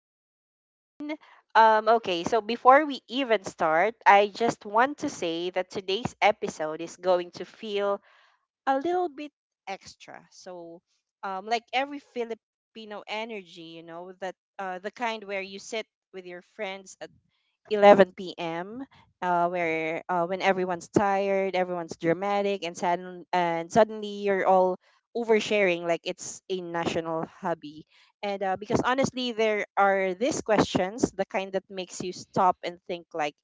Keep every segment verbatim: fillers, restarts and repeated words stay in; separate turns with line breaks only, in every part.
Hi everyone. Um, okay, so before we even start, I just want to say that today's episode is going to feel a little bit extra. So, um, like every Filipino energy, you know, that uh, the kind where you sit with your friends at eleven p m. Uh, where uh, When everyone's tired, everyone's dramatic, and sudden and suddenly you're all oversharing like it's a national hobby. And uh, Because honestly, there are these questions, the kind that makes you stop and think, like,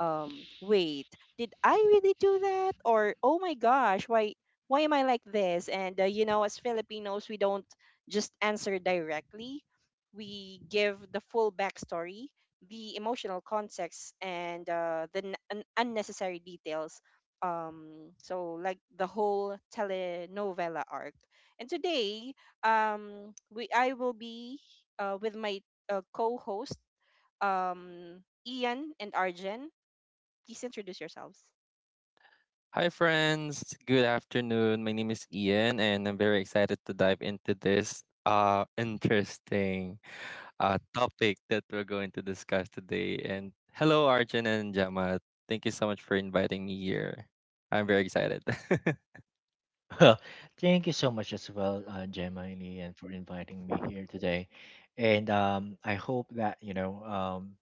um, wait, did I really do that? Or oh my gosh, why why am I like this? And uh, you know, as Filipinos, we don't just answer directly. We give the full backstory, the emotional context, and uh, the n- un- unnecessary details. Um, so like the whole telenovela arc. And today, um, we I will be uh, with my uh, co-host, um, Ian and Arjen. Please introduce yourselves.
Hi, friends. Good afternoon. My name is Ian, and I'm very excited to dive into this uh, interesting uh, topic that we're going to discuss today. And hello, Arjun and Jama. Thank you so much for inviting me here. I'm very excited
Well, thank you so much as well, uh, Gemma and Ian, for inviting me here today. And um, I hope that, you know, um,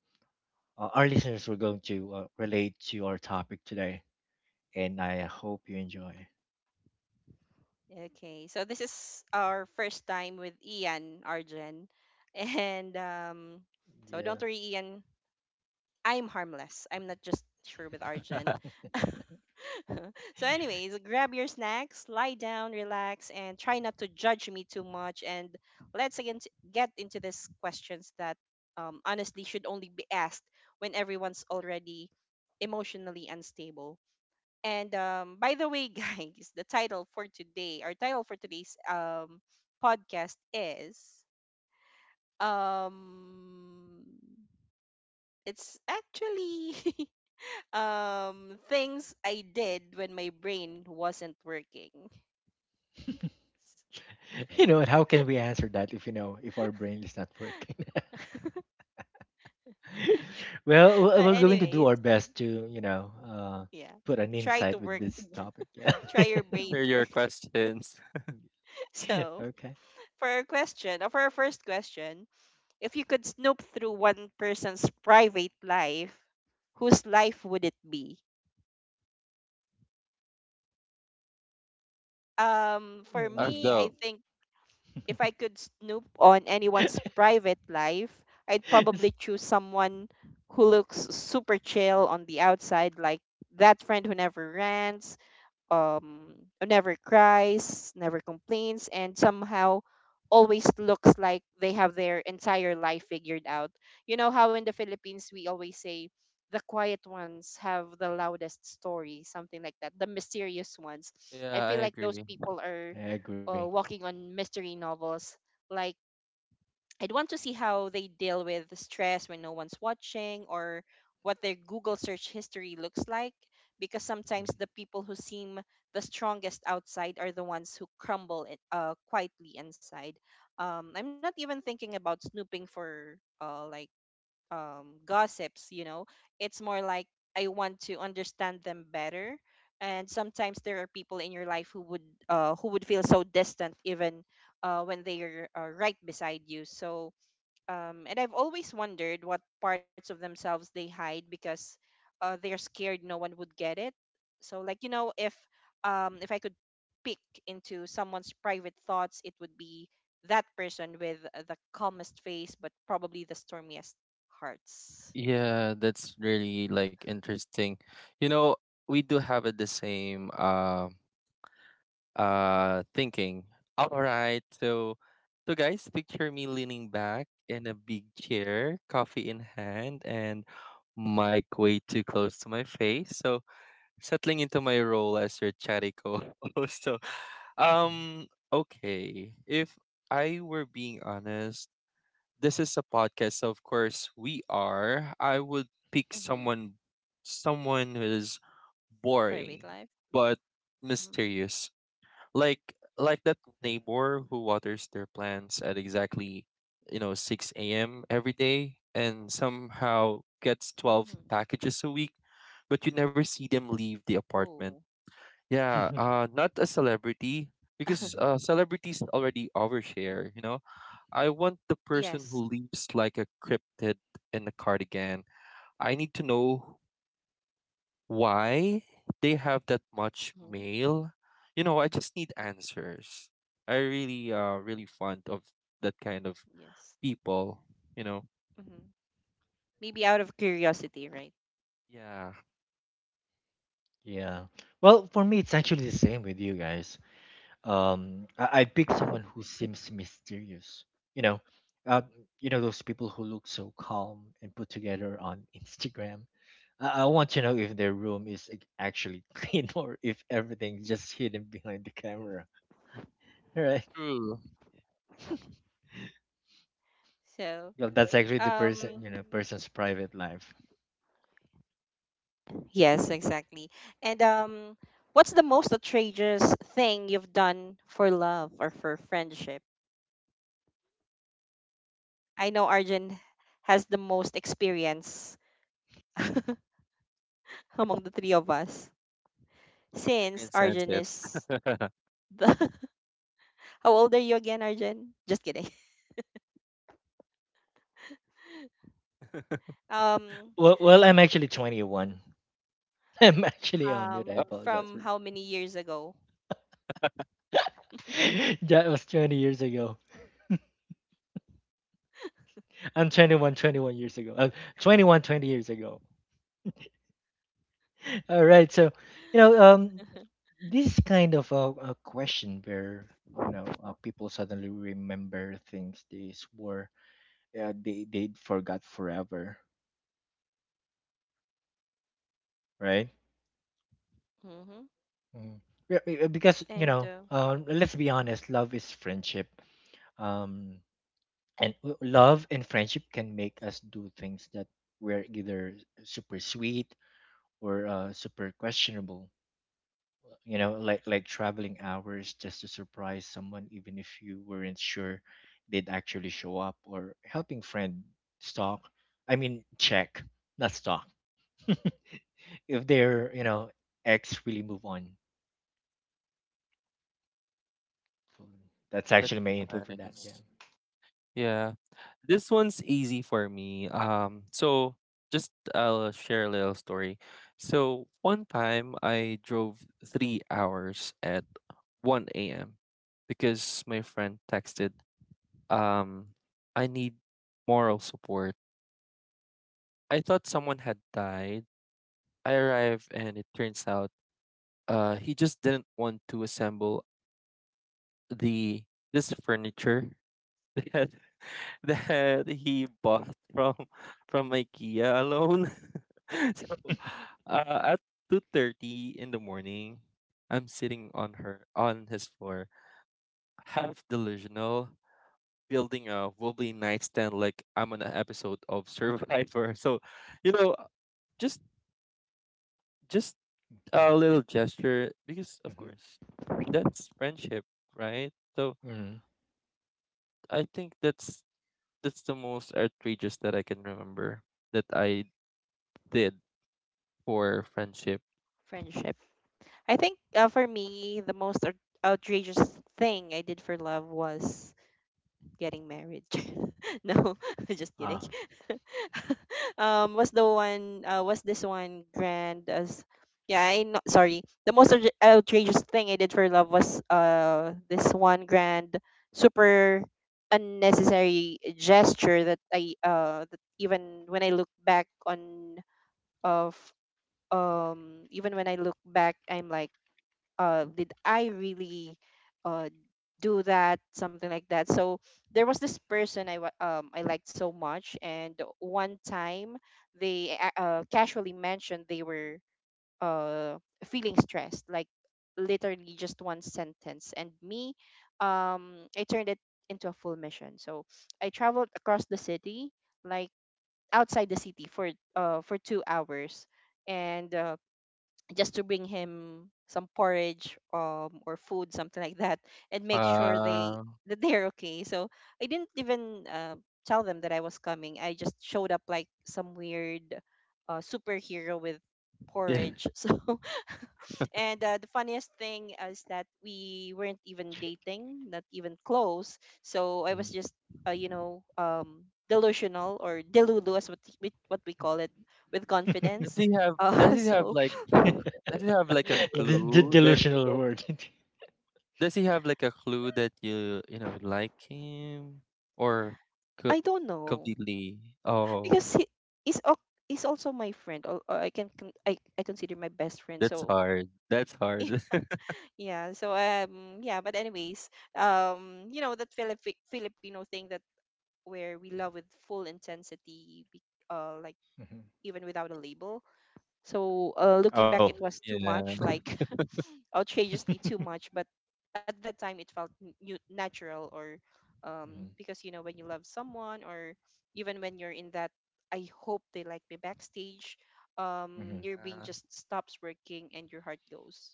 uh, our listeners were going to uh, relate to our topic today. And I hope you enjoy.
Okay, so this is our first time with Ian, Arjen, and um, so
Yeah.
don't worry, Ian. I'm harmless. I'm not just sure with Arjen. So, anyways, grab your snacks, lie down, relax, and try not to judge me too much. And let's again t- get into these questions that um, honestly should only be asked when everyone's already emotionally unstable. And um, by the way, guys, the title for today, our title for today's um, podcast is um, it's actually um things I did when my brain wasn't working.
You know, and how can we answer that if, you know, if our brain is not working? Well, we-
But
we're going to do
anyways,
our best to, you know, uh,
yeah.
put an
Try to
insight with
work.
this topic. Yeah.
Try your brain
for
to
your
work.
questions.
So,
Okay.
for our question, or for our first question, if you could snoop through one person's private life, whose life would it be? Um, for
Uh,
me,
Mm.
I
So,
think if I could snoop on anyone's private life, I'd probably choose someone who looks super chill on the outside, like that friend who never rants, um never cries, never complains, and somehow always looks like they have their entire life figured out. You know how in the Philippines we always say the quiet ones have the loudest story, something like that. The mysterious ones. I
yeah, I
feel like those
agree.
people are
I agree.
uh, walking on mystery novels, like, I'd want to see how they deal with the stress when no one's watching, or what their Google search history looks like, because sometimes
Mm.
the people who seem the strongest outside are the ones who crumble i- uh, quietly inside. Um, I'm not even thinking about snooping for uh, like um, gossips, you know. It's more like I want to understand them better. And sometimes there are people in your life who would uh, who would feel so distant, even uh, when they are uh, right beside you. So um, and I've always wondered what parts of themselves they hide because uh, they're scared no one would get it. So, like you know, if um, if I could peek into someone's private thoughts, it would be that person with uh, the calmest face but probably the stormiest hearts.
Yeah, that's really like interesting. You know, we do have uh, the same. Um, uh thinking, all right, so so guys, picture me leaning back in a big chair, coffee in hand, and mic way too close to my face, so settling into my role as your chatty co-host. so um okay, if I were being honest, this is a podcast, so of course we are. I would pick
Hmm.
someone someone who is
Private
boring
life.
but mysterious, like like that neighbor who waters their plants at exactly, you know six a m every day, and somehow
Mm-hmm.
gets twelve packages a week, but you never see them leave the
Oh.
apartment. Yeah,
Yeah.
uh not a celebrity, because uh
Mhm.
celebrities already overshare, you know I want the
Yes.
person who leaves like a cryptid in a cardigan. I need to know why they have that much
Hmm.
mail. You know, I just need answers. I really uh really fond of that kind of
Yes.
people, you know.
Hmm. Maybe out of curiosity, right?
Yeah,
Yeah. Well, for me, it's actually the same with you guys. Um, I, I pick someone who seems mysterious. You know, uh, you know those people who look so calm and put together on Instagram. I, I want to know if their room is ac- actually clean or if everything's just hidden behind the camera. Right?
true.
So,
Well, that's actually the person,
um,
you know, person's private life.
yes, exactly. And um, what's the most outrageous thing you've done for love or for friendship? I know Arjun has the most experience. Among the three of us,
Yeah, I can
since
sense
Arjun
it.
is the how old are you again, Arjun? Just kidding. Um,
Well, well, I'm actually twenty-one. I'm actually on mute. I
Oh,
um,
apologize for.
from how many years ago?
That was twenty years ago. I'm twenty-one, twenty-one years ago. Uh, twenty-one, twenty years ago. All right. So, you know, um, this kind of a, a question where, you know, uh, people suddenly remember things they swore uh, they, they forgot forever, right?
Mm-hmm.
Mm. Yeah, be- uh, because, you
And uh,
know, uh, let's be honest, love is friendship. Um, and w- Love and friendship can make us do things that were either super sweet or uh, super questionable. You know, like like traveling hours just to surprise someone, even if you weren't sure they'd actually show up, or helping friend stalk. I mean, check, not stalk. If they're, you know, ex really move on. So that's
that's
actually my input for that.
nice.
Yeah.
Yeah. This one's easy for me. Um so just I'll share a little story. So one time I drove three hours at one a m because my friend texted, um I need moral support. I thought someone had died. I arrived and it turns out uh he just didn't want to assemble the this furniture that that he bought from from IKEA alone. So, uh, at two thirty in the morning, I'm sitting on her on his floor, half delusional, building a wobbly nightstand like I'm on an episode of Survivor. So, you know, uh, just just a
Yeah.
little gesture, because of
Mm-hmm.
course that's friendship, right? So
Mm-hmm.
I think that's that's the most outrageous that I can remember that I did for friendship.
friendship. I think uh, for me, the most out- outrageous thing I did for love was getting married. No, just
Ah.
kidding. um, was the one? Uh, was this one grand as? Yeah, I know. Sorry, the most outra- outrageous thing I did for love was uh this one grand, super unnecessary gesture that I uh that even when I look back on of um even when I look back, I'm like, uh, did I really uh, do that? Something like that. So there was this person I wa- um I liked so much, and one time they a- uh, casually mentioned they were uh feeling stressed, like literally just one sentence. And me, um, I turned it into a full mission. So I traveled across the city, like outside the city, for uh for two hours, and uh, just to bring him some porridge um or food, something like that, and make sure they
Uh,
that they're okay. So I didn't even uh, tell them that I was coming. I just showed up like some weird uh, superhero with
yeah.
porridge. So, and uh, the funniest thing is that we weren't even dating, not even close. So I was
Mhm.
just uh, you know, um delusional, or delulu as what we, what we call it, with
Does
confidence.
he have does
uh,
he have
so
like a does he have like a
the, the
clue that
delusional word.
Does he have like a clue that you you know like him, or
I
co-
don't know,
completely? Oh,
because he is is also my friend, or, or I can con- I, I consider my best friend.
that's
So
hard. That's hard.
yeah. So um yeah, but anyways, um you know that Filipi- Filipino thing that where we love with full intensity, be- uh like
Mhm.
even without a label. So uh looking
Oh.
back, it was too much,
Yeah.
like outrageously too much, but at that time it felt n- nu- natural, or um
Mhm.
because you know when you love someone, or even when you're in that "I hope they like me" backstage, um
Mhm.
your brain just stops working and your heart goes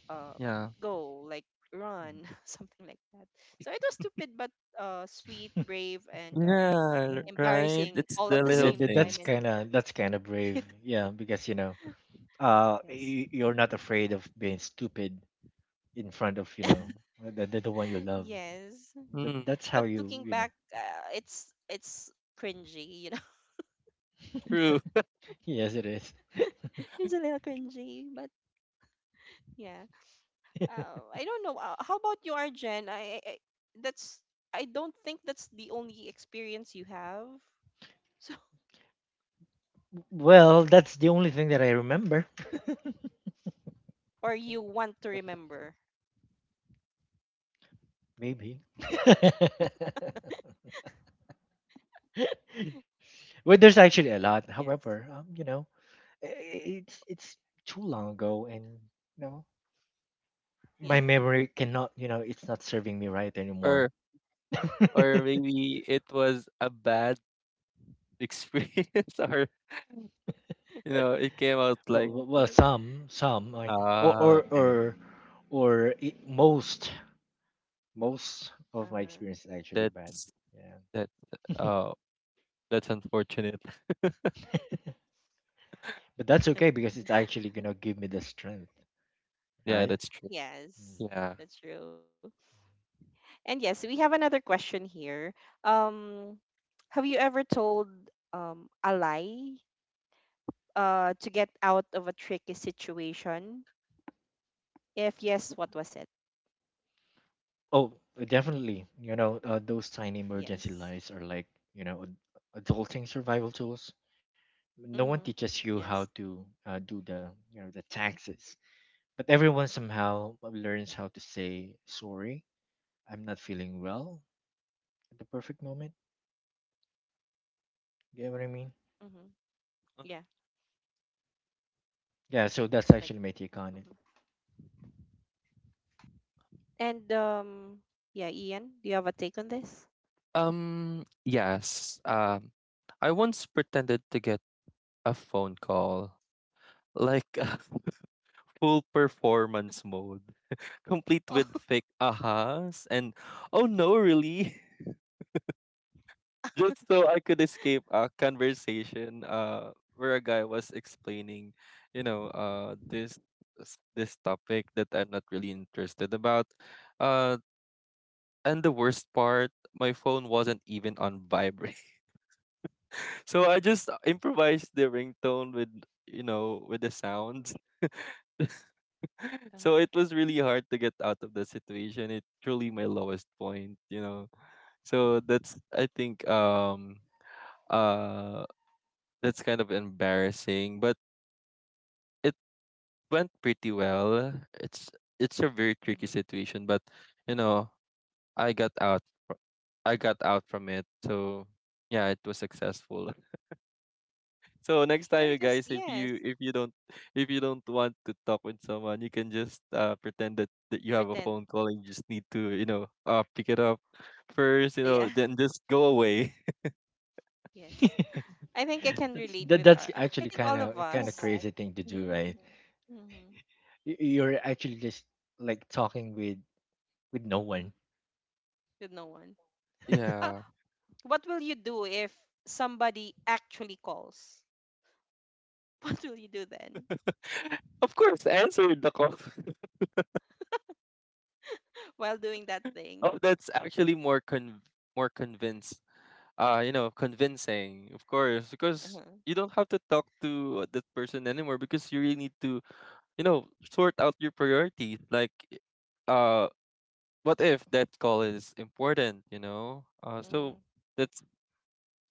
um
Yeah.
go like run.
Mhm.
Something like that. So it was stupid, but uh sweet, brave, and um
Yeah. Right.
embarrassing all
It's
at the
the
same
Yeah,
little
tha-
time. And
that's
things.
kind of that's kind of brave. Yeah, because you know, uh,
yes,
y- you're not afraid of being stupid in front of, you know, the the, the one you love.
yes,
That
Mm,
that's
but
how
looking
you
back,
you know.
uh, it's it's cringy. You
true.
Yes, it is.
It's a little cringy, but yeah. Uh, I don't know. Uh, how about you, Arjen? I, I I- that's, I don't think that's the only experience you have. So,
Well, that's the only thing that I remember.
or you want to remember.
Maybe. Well, there's actually a lot.
Yes.
However, um, you know, i- i- it's it's too long ago, and you know,
Yeah.
my memory cannot. You know, it's not serving me right anymore.
Or or maybe it was a bad experience, or you know, it came out
Well,
like,
well, well, some, some, like, or,
ah,
or,
okay.
or, or I most, most of my
Uh-huh.
experience is actually bad.
That's
Yeah.
that. Oh, that's unfortunate.
But that's okay because it's actually gonna give me the strength,
Yeah,
right?
that's true.
Yes.
Mm.
Yeah.
That's true. And yes, we have another question here. Um, have you ever told um a lie uh to get out of a tricky situation? If yes, what was it?
Oh, uh, definitely. You know, uh, those tiny emergency
Yes.
lights are like, you know, ad- adulting survival tools. No one
Mhm.
teaches you how
Yes.
to uh, do the, you know, the taxes, but everyone somehow learns how to say sorry. I'm not feeling well at the perfect moment. Get what I mean?
Mhm. Yeah.
Yeah, so that's
Like,
actually my take on it.
mhm. And um, yeah, Ian, do you have a take on this?
Um, yes. Um, I once pretended to get a phone call, like full performance mode,
Oh.
complete with fake ahas and oh no, really? just so I could escape a conversation uh where a guy was explaining, you know, uh this s- this topic that I'm not really interested about. Uh and the worst part, my phone wasn't even on vibrate. So I just uh, improvised the ringtone with, you know, with the sounds.
Uh-huh.
So it was really hard to get out of the situation. It truly my lowest point, you know. So that's, I think, um uh that's kind of embarrassing. But it went pretty well. It's it's a very tricky
Hmm.
situation, but you know, I got out. fr- I got out from it. So yeah, it was successful. So next
Yeah,
time, you
because,
guys, if
yes,
you if you don't if you don't want to talk with someone, you can just uh, pretend that, that you have a
pretend.
phone call, and you just need to, you know uh, pick it up first. You
Yeah.
know, then just go away.
Yes. I think I can
that's
relate
that,
with our.
that's
uh, I
actually
think
kind
all
of
of
kind of. Okay.
us.
Crazy thing to do,
Mm-hmm.
right?
Mm-hmm.
Y- You're actually just like talking with with no one.
With no one. Uh,
Yeah.
what will you do if somebody actually calls? What will you do then
Of course, answer the call.
while doing that thing?
Oh, that's actually more con more convinced uh you know convincing, of course, because
Uh-huh.
you don't have to talk to, uh, that person anymore, because you really need to, you know sort out your priorities, like, uh what if that call is important, you know uh
Mm-hmm.
so that's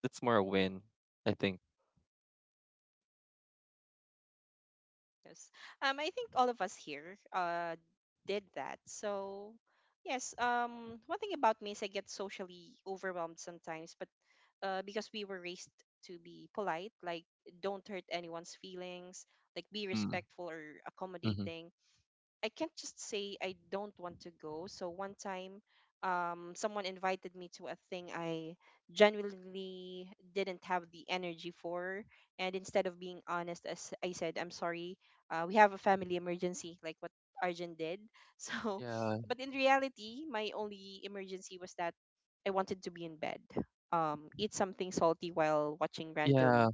that's more a win, I think.
Yes. Um, I think all of us here, uh, did that. So, yes, um, one thing about me is I get socially overwhelmed sometimes, but uh, because we were raised to be polite, like, don't hurt anyone's feelings, like, be respectful or
Mm.
accommodating.
Mm-hmm.
I can't just say I don't want to go. So one time, um, someone invited me to a thing I genuinely didn't have the energy for, and instead of being honest, as I said, I'm sorry, uh, we have a family emergency, like what Arjun did. So,
Yeah,
but in reality, my only emergency was that I wanted to be in bed, um, eat something salty while watching
yeah,
random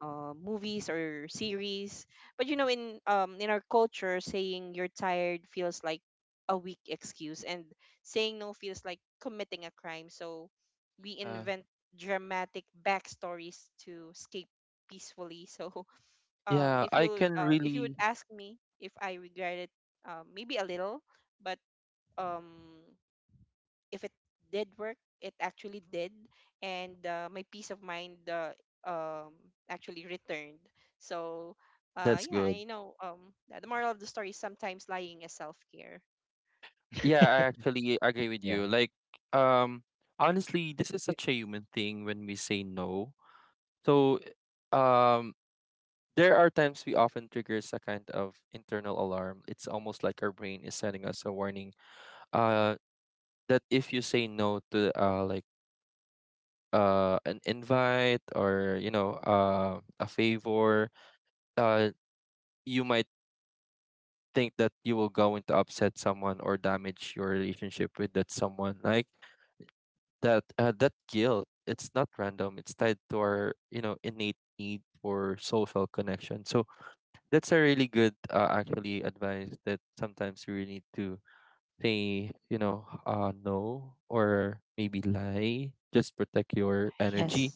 uh, movies or series. But you know, in um in our culture, saying you're tired feels like a weak excuse, and saying no feels like committing a crime. So we
yeah,
invent dramatic backstories to escape peacefully. So um,
yeah.
if
I
you,
can
uh, if you
really,
would ask me if I regret it, um, maybe a little, but um if it did work, it actually did, and uh, my peace of mind uh, um, actually returned. So, uh,
that's
yeah,
good.
you know. Um, the the moral of the story is sometimes lying is self care.
Yeah, I actually agree
Yeah.
with you. Like, um honestly, this
Y-
is such a human thing when we say no. So, um there are times we often triggers a kind of internal alarm. It's almost like our brain is sending us a warning, uh, that if you say no to, uh, like, uh, an invite, or you know uh, a favor, uh, you might think that you will go into upset someone or damage your relationship with that someone. Like that uh, that guilt, it's not random. It's tied to our, you know innate need for social connection. So that's a really good, uh, actually advice, that sometimes you really need to say, you know uh no, or maybe lie, just protect your
Yes.
energy.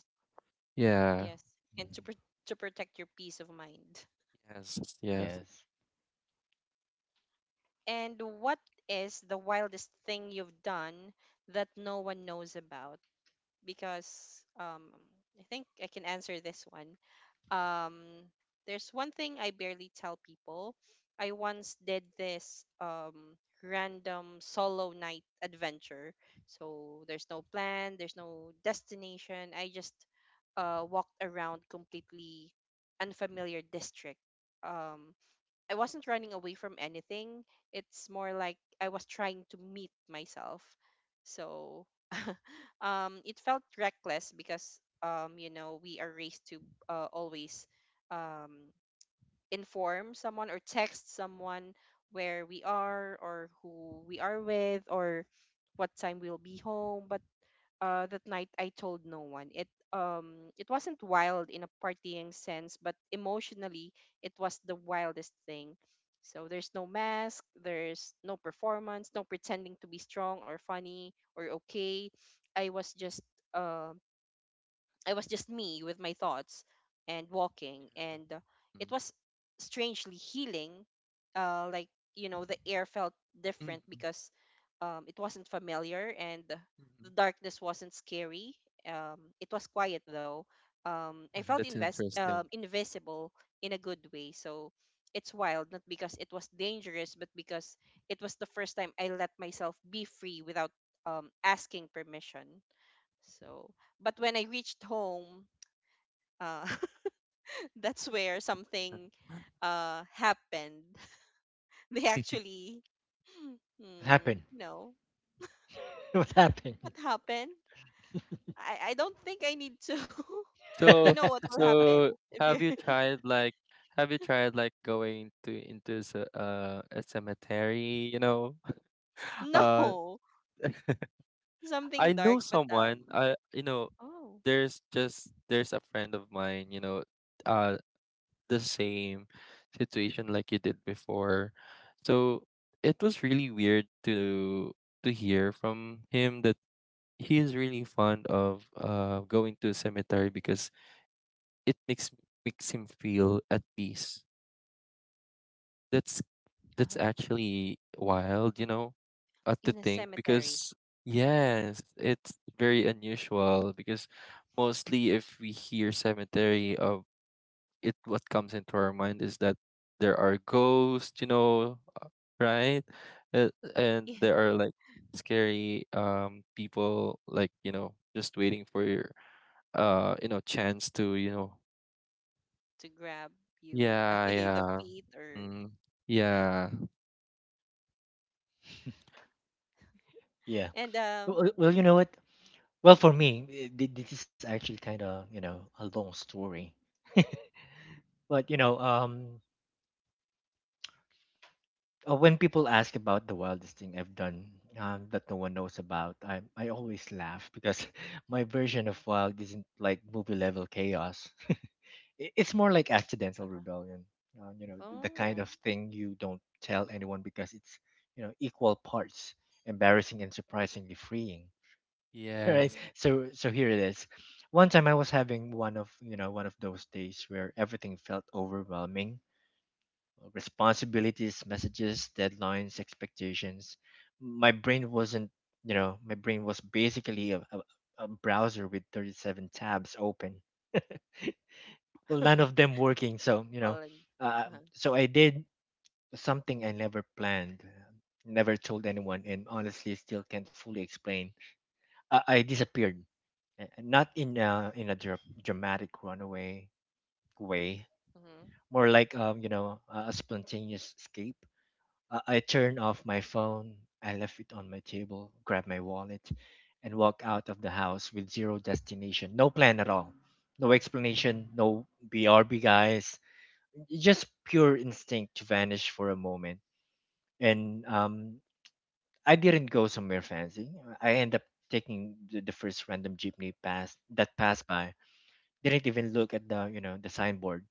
Yeah.
Yes, and to
Mm.
pro- to protect your peace of mind.
Yes, yes, yeah.
Yes.
And what is the wildest thing you've done that no one knows about? Because um, I think I can answer this one. Um, there's one thing I barely tell people. I once did this um, random solo night adventure. So there's no plan, there's no destination. I just uh, walked around completely unfamiliar district. Um, I wasn't running away from anything. It's more like I was trying to meet myself. So um it felt reckless because um you know we are raised to uh, always um inform someone or text someone where we are, or who we are with, or what time we'll be home, but uh, that night I told no one. It um it wasn't wild in a partying sense, but emotionally it was the wildest thing. So there's no mask, there's no performance, no pretending to be strong or funny or okay. I was just um I was just me with my thoughts and walking, and uh, it was strangely healing. Uh, like, you know, the air felt
Mm.
different
Mhm.
because um, it wasn't familiar, and the the
Mhm.
darkness wasn't scary. Um, it was quiet though. Um, I felt
Mhm.
That's
invest um,
interesting.
invisible in a good way. So it's wild, not because it was dangerous, but because it was the first time I let myself be free without um, asking permission. So, but when I reached home, uh, that's where something uh, happened. They actually,
What
hmm,
happened?
no,
What
what
happened?
happened? I, I don't think I need to. You
so
know what will happen
so
if you're
have you tried like, have you tried like going to into s- uh a cemetery, you know uh
no, something
I
dark,
know
but um,
someone, I you know
oh,
there's just there's a friend of mine, you know, uh the same situation like you did before. So it was really weird to, to hear from him that he is really fond of uh going to a cemetery, because it makes, makes him feel at peace. That's that's
uh-huh.
actually wild, you know, uh,
In
to
a
think,
cemetery,
because yes, it's very unusual, because mostly if we hear cemetery of it, what comes into our mind is that there are ghosts, you know, uh, right? Uh, And
yeah,
there are like scary, um people, like, you know, just waiting for your, uh, you know, chance to, you know.
to grab you by
Yeah,
the
yeah.
feet or
Mm, yeah.
Yeah.
and um,
Well, well, well, you know what? Well, for
mhm,
me, eh, thi- this is actually kind of, you know, a long story. But you know, um, Uh, when people ask about the wildest thing I've done, um, that no one knows about, I I always laugh because my version of wild isn't like movie level chaos. I- It's more like accidental
uh-huh.
rebellion. Uh, you know, th- the
Oh,
kind of thing you don't tell anyone because it's, you know, equal parts embarrassing and surprisingly freeing. Right.
Yes.
So so here it is. One time I was having one of, you know, one of those days where everything felt overwhelming: responsibilities, messages, deadlines, expectations. My brain wasn't, you know, my brain was basically a, a, a browser with thirty-seven tabs open. Well, none of them working. So, you
all
know,
in,
uh,
uh-huh,
so I did something I never planned, never told anyone, and honestly still can't fully explain. I, I disappeared. uh, Not in a, in a dra- dramatic runaway way,
mhm,
more like, um, you know, a a spontaneous escape. Uh, I turned off my phone, I left it on my table, grabbed my wallet, and walked out of the house with zero destination, no plan at all, no explanation, no B R B guys, just pure instinct to vanish for a moment. And um, I didn't go somewhere fancy. I end up taking the, the first random jeepney pass that passed by. Didn't even look at the, you know, the signboard.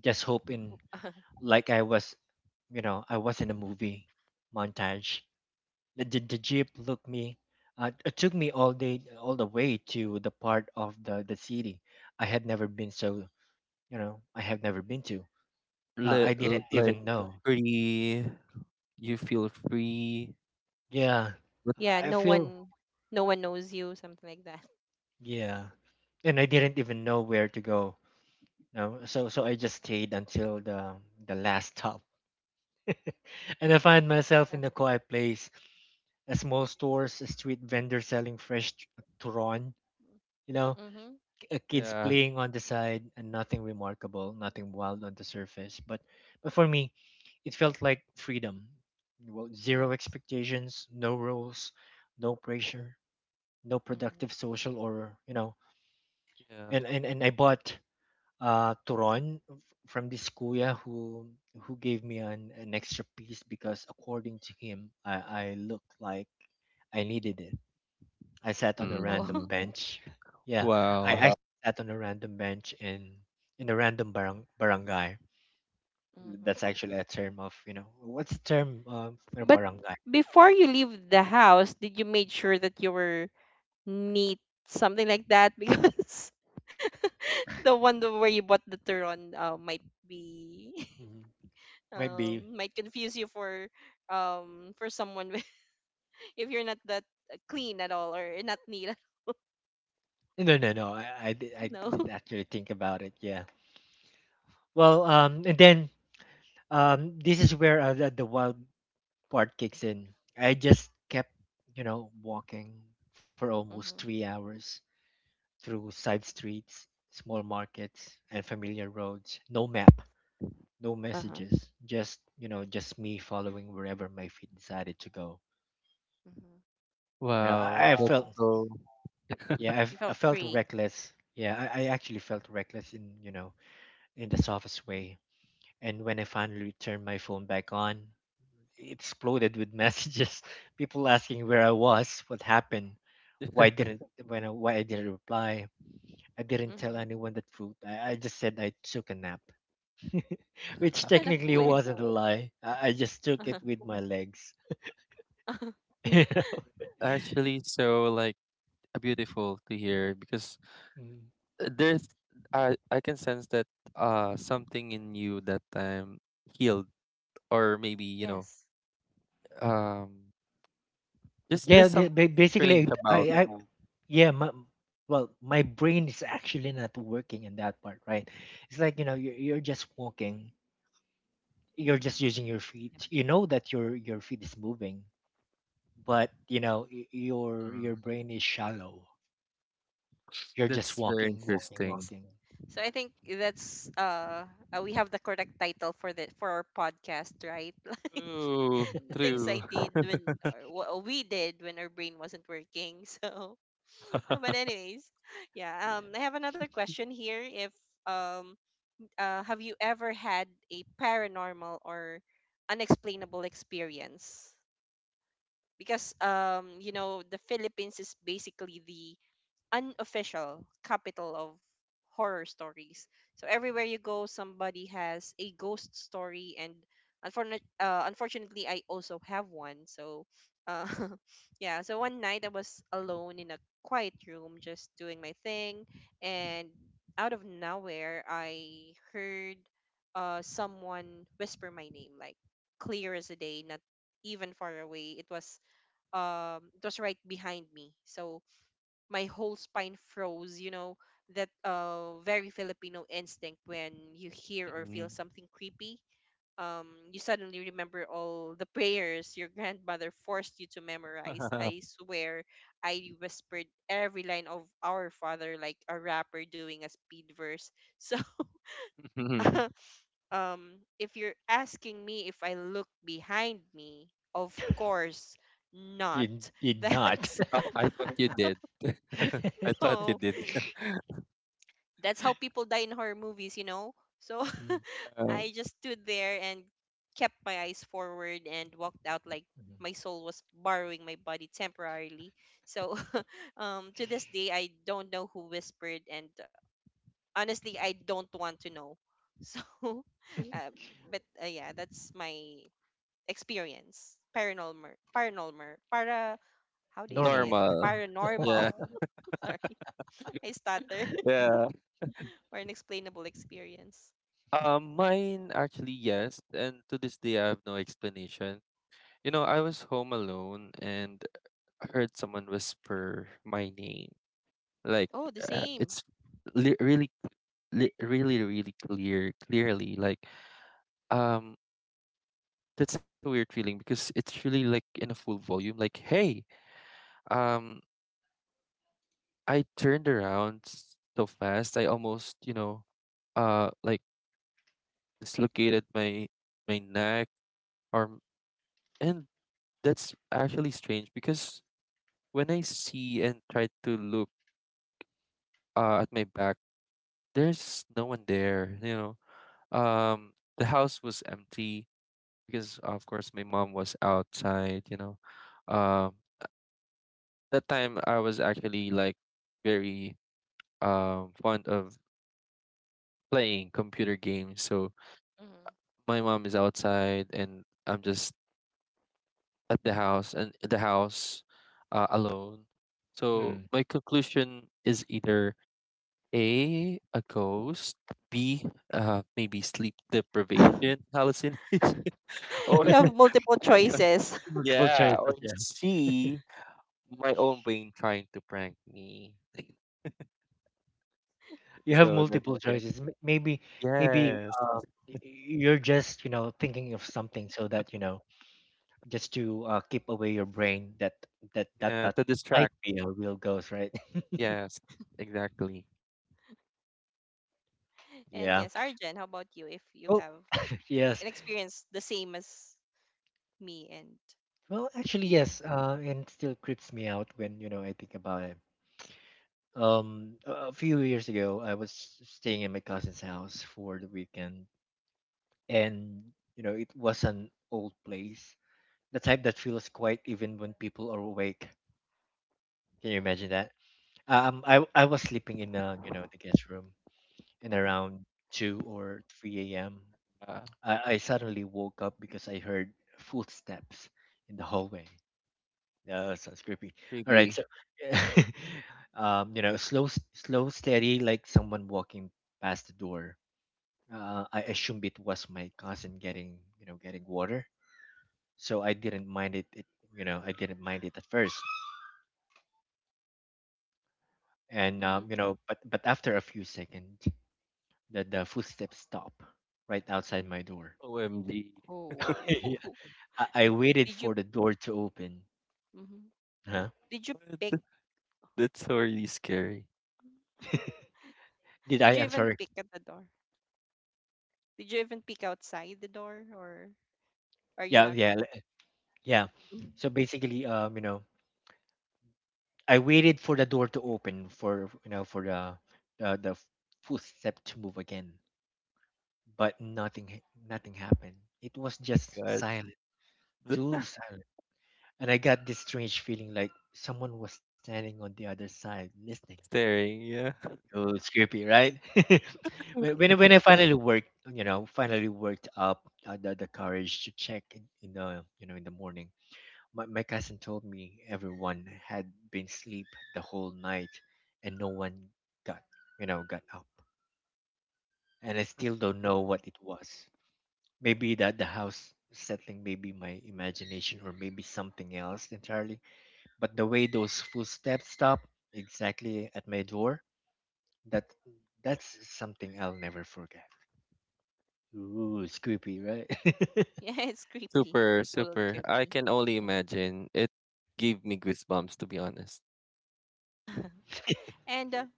Just hoping like I was, you know, I was in a
uh-huh.
movie montage. The, the, the jeep looked me, uh, it took me all day, all the way to the part of the, the city I had never been so, you know, I have never been to. Uh,
Li-
I
l-
didn't
like
even know.
free, you feel free.
Yeah,
But
Yeah,
I
no
feel
one, no one knows you something like that.
yeah, and I didn't even know where to go. No, so so I just stayed until the the last stop, and I find myself
That's
in a quiet place, a small stores, a street vendor selling fresh t- turon, you know,
mm-hmm.
uh, kids
yeah,
playing on the side and nothing remarkable, nothing wild on the surface. But but for me, it felt like freedom. Well, zero
Yes.
expectations, no rules, no pressure, no productive
Mm-hmm.
social or you know.
yeah.
And and, and I bought uh turon f- from this kuya who who gave me an, an extra piece because according to him I, I looked like I needed it. I sat on a random Mm-hmm.
Mm.
Oh.
bench. Yeah, I, I
Wow.
Uh-huh. sat on a random bench in in a random barang, barangay. That's
Mm-hmm.
actually a term of, you know, what's the term of you
But
barangay?
before you leave the house, did you make sure that you were neat, something like that, because the one the- where you bought the turon uh, might be
Hmm. Might be
um might confuse you for um for someone with- if you're not that uh, clean at all or not neat at-
no no no. I I did, I
No.
did actually think about it. Yeah. Well, um, and then um, this is where uh, the, the wild part kicks in. I just kept, you know, walking for almost
Mm-hmm.
three hours through side streets, small markets, and familiar roads. No map, no
Uh-huh.
messages, just, you know, just me following wherever my feet decided to go.
Mm-hmm.
You know,
Wow.
i, I Wow.
That's
felt
so.
yeah I've,
You
i
felt
felt
free.
reckless yeah I, I actually felt reckless in, you know, in the softest way. And when I finally turned my phone back on it exploded with messages. People asking where I was what happened why didn't when I, why I didn't reply. I didn't tell
Mm-hmm.
anyone the truth. I, I just said I took a nap which technically
Tucanapue.
wasn't a lie. I, I just took it
Uh-huh.
with my legs.
Uh-huh.
Actually, so like, uh, beautiful to hear, because,
Mm.
uh, there's I I can sense that uh something in you that time healed, or maybe you know
Yes.
um just
Yeah,
just
Uh,
the- ba-
something strange
basically, I, I,
about.
Yeah. Yeah, my, well, my brain is actually not working in that part, right? It's like, you know, you're, you're just walking, you're just using your
yep.
feet. You know that your your feet is moving, but you know, y- your your
Mm,
brain is shallow. You're just
Yeah.
that's very
walking,
S-
walking,
interesting.
walking.
So I
Yeah.
think that's uh, uh we have the correct title for the for our podcast, right? Like
True,
the things I
true.
did when, or what we did when our brain wasn't working. So, uh, but anyways, yeah.
Yeah.
Um, I have another question here. If um, uh, have you ever had a paranormal or unexplainable experience? Because um, you know, the Philippines is basically the unofficial capital of horror stories. So everywhere you go, somebody has a ghost story, and unfortunately, uh, unfortunately, I also have one. So, uh, yeah. So one night I was alone in a quiet room, just doing my thing, and out of nowhere, I heard uh, someone whisper my name, like clear as a day, not even far away. It was um, it was right behind me. So my whole spine froze, you know, that uh very Filipino instinct when you hear or
Mhm.
feel something creepy. Um, you suddenly remember all the prayers your grandmother forced you to memorize. I swear, I whispered every line of Our Father like a rapper doing a speed verse. So, um, if you're asking me if I look behind me, of course not.
You did not.
That's
Oh, I thought you did. I thought you
no.
did.
That's how people die in horror movies, you know? So
Mm.
Uh,
I just stood there and kept my eyes forward and walked out like
Mhm.
my soul was borrowing my body temporarily. So um, to this day, I don't know who whispered, and uh, honestly, I don't want to know. So, um, but uh, yeah, that's my experience. Paranormal, paranormal, para. How do you
Normal.
say it?
Normal.
Paranormal.
Yeah,
Sorry, I stutter.
yeah.
Or an explainable experience.
Um, mine actually, yes, and to this day I have no explanation. You know, I was home alone and I heard someone whisper my name. Like,
Oh, the
uh,
same.
it's li- really, li- really, really clear, clearly. Like, um, that's a weird feeling, because it's really like in a full volume. Like hey, um, I turned around, s- so fast I almost, you know, uh, like, dislocated my my neck, or and that's actually strange, because when I see and try to look, uh, at my back, there's no one there, you know. Um, the house was empty, because of course my mom was outside, you know. Um, that time I was actually like very um fond of playing computer games. So
Hmm.
my mom is outside and I'm just at the house, and the house, uh, alone. So
Mm.
my conclusion is either A, a ghost; B, uh, maybe sleep deprivation hallucination; or
You have multiple
Yeah, yeah.
choices.
Multiple
yeah, or
choices. Yeah.
C, my own brain trying to prank me.
You have
So that's
multiple
it.
choices. M- Maybe, maybe
Yes.
uh, y- you're just, you know, thinking of something so that, you know, just to uh, keep away your brain that that that
Yeah,
that
to
might
distract.
be a real ghost, right?
Yes, exactly.
And
Yeah.
yes, Arjen, how about you? If you
Oh.
have
Yes.
an experience the same as me and
Well, actually, yes.
Ian.
Uh, and it still creeps me out when, you know, I think about it. Um, a a few years ago, I was staying in my cousin's house for the weekend, and you know, it was an old place, the type that feels quiet even when people are awake. Can you imagine
Mm-hmm.
that? Uh, Um, I I was sleeping in, uh, you know, the guest room, and
Mm-hmm.
around two or three a m,
Uh,
I, I suddenly woke up because I heard footsteps in the hallway. Yeah. That sounds creepy. All right,
Creepy.
so um, you know, slow, s- slow, steady, like someone walking past the door. Uh, I assumed it was my cousin getting, you know, getting water, so I didn't mind it. It you know, I didn't mind it at first, and um,
Mm-hmm.
you know, but but after a few seconds The, the footsteps stop right outside my door.
O M G.
Oh,
Yeah. I, I waited
did you?
for the door to open.
Mm-hmm.
Huh?
Did you
What?
pick?
That's really scary.
Did I?
Did you
I'm
even
sorry.
pick at the door? Did you even peek outside the door, or are you
Yeah,
not?
yeah, le- yeah. So basically, um, you know, I waited for the door to open for, you know, for the the, the footstep to move again, but nothing ha- nothing happened. It was just
God.
silent, too silent, and I got this strange feeling like someone was standing on the other side listening.
Staring, yeah.
So creepy, right? When when I- when I finally worked, you know, finally worked up uh, the the courage to check in, in the, you know, in the morning. My my cousin told me everyone had been sleep the whole night, and no one got you know got up, and I still don't know
Hmm.
what it was. Maybe that the house settling, maybe my imagination, or maybe something else entirely. But the way those footsteps stopped exactly at my door that that's something I'll never forget. Ooh, it's creepy, right?
Yeah, it's creepy.
Super,
Totally
super. I
creepy.
can only imagine. It gave me goosebumps, to be honest.
And uh,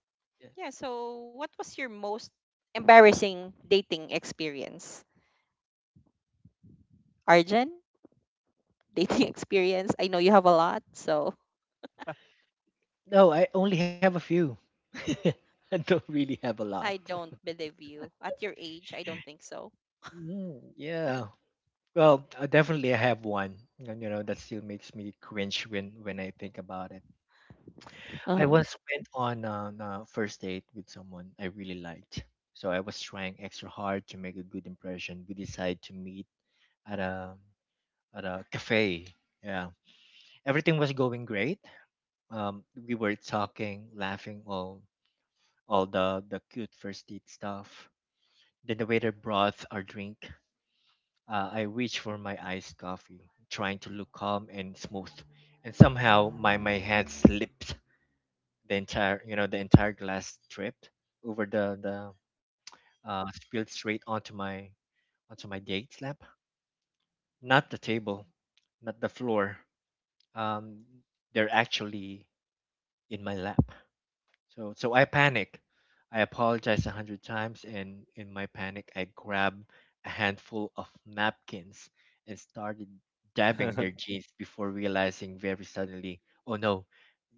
yeah, so what was your most embarrassing dating experience? Arjun, dating experience? I know you have a lot, so
No, I only have a few. I don't really have a lot.
I don't believe you. At your age, I don't think so.
Mm, yeah. Well, I definitely I have one. And you know, that still makes me cringe when when I think about it. I
Uh-huh.
once went on on a first date with someone I really liked. So I was trying extra hard to make a good impression. We decided to meet at a at a cafe. Yeah. Everything was going great, um, we were talking, laughing, all all the the cute first date stuff. Then the waiter brought our drink. Uh, I reached for my iced coffee, trying to look calm and smooth, and somehow my my hand slipped. The entire you know the entire glass tripped over the the uh, spilled straight onto my onto my date's lap. Not the table, not the floor. Um, they're actually in my lap. So so I panic. I apologize a hundred times, and in my panic, I grab a handful of napkins and started dabbing their jeans before realizing very suddenly, oh no,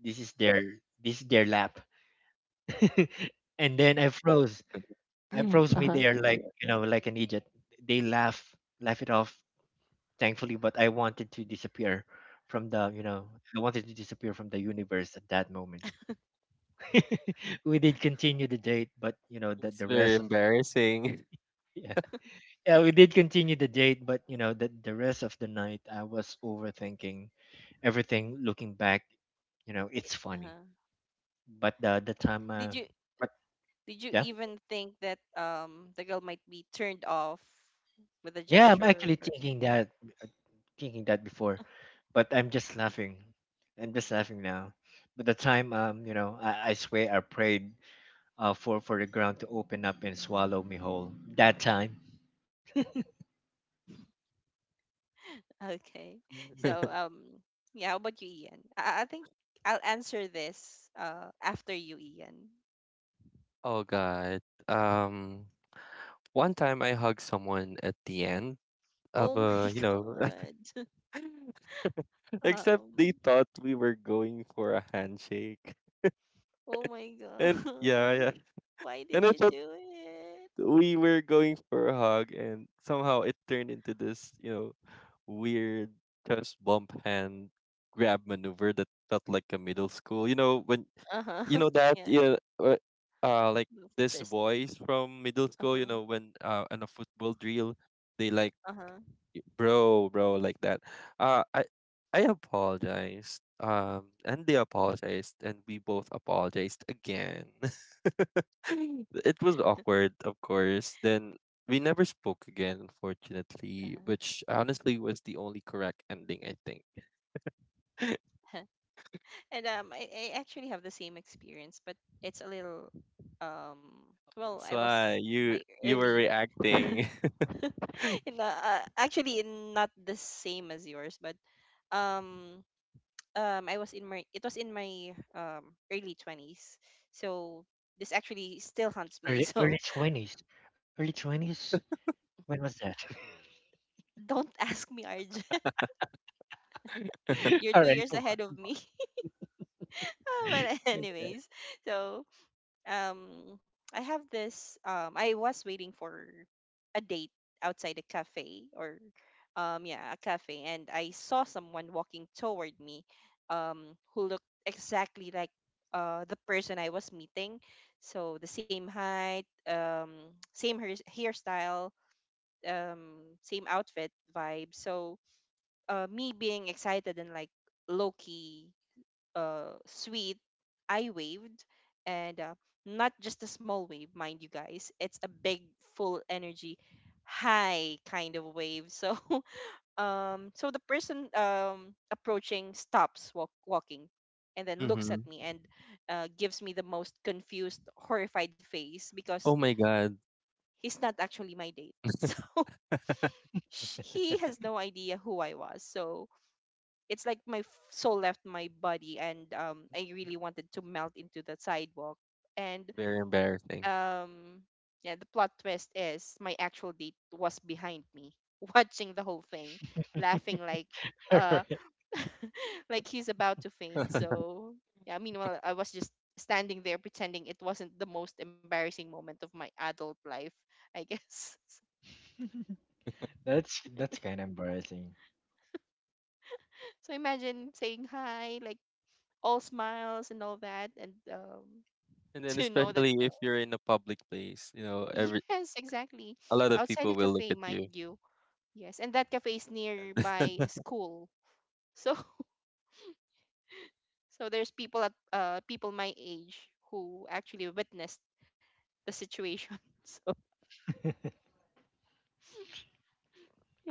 this is their this is their lap. And then I froze. I froze midair
Uh-huh.
like you know, like an idiot. They laugh laugh it off, thankfully, but I wanted to disappear from the you know I wanted to disappear from the universe at that moment. we did continue the date, but you know that
It's
the
very
rest of the,
embarrassing.
yeah yeah we did continue the date, but you know that the rest of the night I was overthinking everything. Looking back, you know it's funny,
Uh-huh.
but the the time
Did
uh,
you,
but
did you
yeah,
even think that um the girl might be turned off with a
yeah I'm actually
gesture or
thinking
something?
that thinking that before, but I'm just laughing. I'm just laughing now. But the time, um you know I, I swear I prayed uh for for the ground to open up and swallow me whole that time.
Okay. So um yeah, how about you, Ian? I, I think I'll answer this uh after you, Ian.
Oh God. Um, One time I hugged someone at the end of
Oh my
a, you know,
god.
except they
Um,
thought we were going for a handshake.
oh my
And yeah,
gosh,
yeah.
why
And
did
I
you
thought
do it?
we were going for a hug, and somehow it turned into this, you know weird just bump hand grab maneuver that felt like a middle school, you know when you
Uh-huh.
know that
Yeah,
yeah, uh, uh like
the
this
fist.
boys from middle school, you
Uh-huh.
know when, uh on a football drill, they like,
Uh-huh.
y- bro bro, like that. Uh i i apologized, um and they apologized, and we both apologized again. It was awkward, of course. Then we never spoke again, unfortunately,
Uh-huh.
which honestly was the only correct ending, I think.
And um I, I actually have the same experience, but it's a little um well,
That's
I
why
was in my
you you were
early
reacting.
in the, uh, actually in not the same as yours, but um um I was in my it was in my um early twenties. So this actually still haunts me.
Early
So
early twenties. Early twenties? When was that?
don't ask me, Arjun. You're two
Alright,
years
come
ahead
on.
of me. Ah, but
Okay.
anyways, so um, I have this. Um, I was waiting for a date outside a cafe or um, yeah, a cafe, and I saw someone walking toward me, um, who looked exactly like uh the person I was meeting. So the same height, um, same hair hairstyle, um, same outfit vibe. So uh, me being excited and like low key uh, sweet, I waved. And uh, not just a small wave, mind you guys, it's a big, full energy, high kind of wave. So, um, so the person um, approaching stops walk- walking and then looks at
Hmm.
me and uh, gives me the most confused, horrified face because
Oh my God.
he's not actually my date. So, sh- he has no idea who I was. So, it's like my f- soul left my body, and um I really wanted to melt into the sidewalk and
Very embarrassing.
um yeah, the plot twist is my actual date was behind me watching the whole thing, laughing like uh
Alright.
like he's about to faint, so yeah, meanwhile I was just standing there, pretending it wasn't the most embarrassing moment of my adult life, I guess.
That's that's kind of embarrassing.
So imagine saying hi like all smiles and all that, and um
And then,
to know that
especially
uh,
if you're in a public place, you know, every
yes, exactly.
a lot of
Outside
people
the
will look
cafe,
at you.
mind you. Yes, and that cafe is nearby a school. So so there's people at uh people my age who actually witnessed the situation. So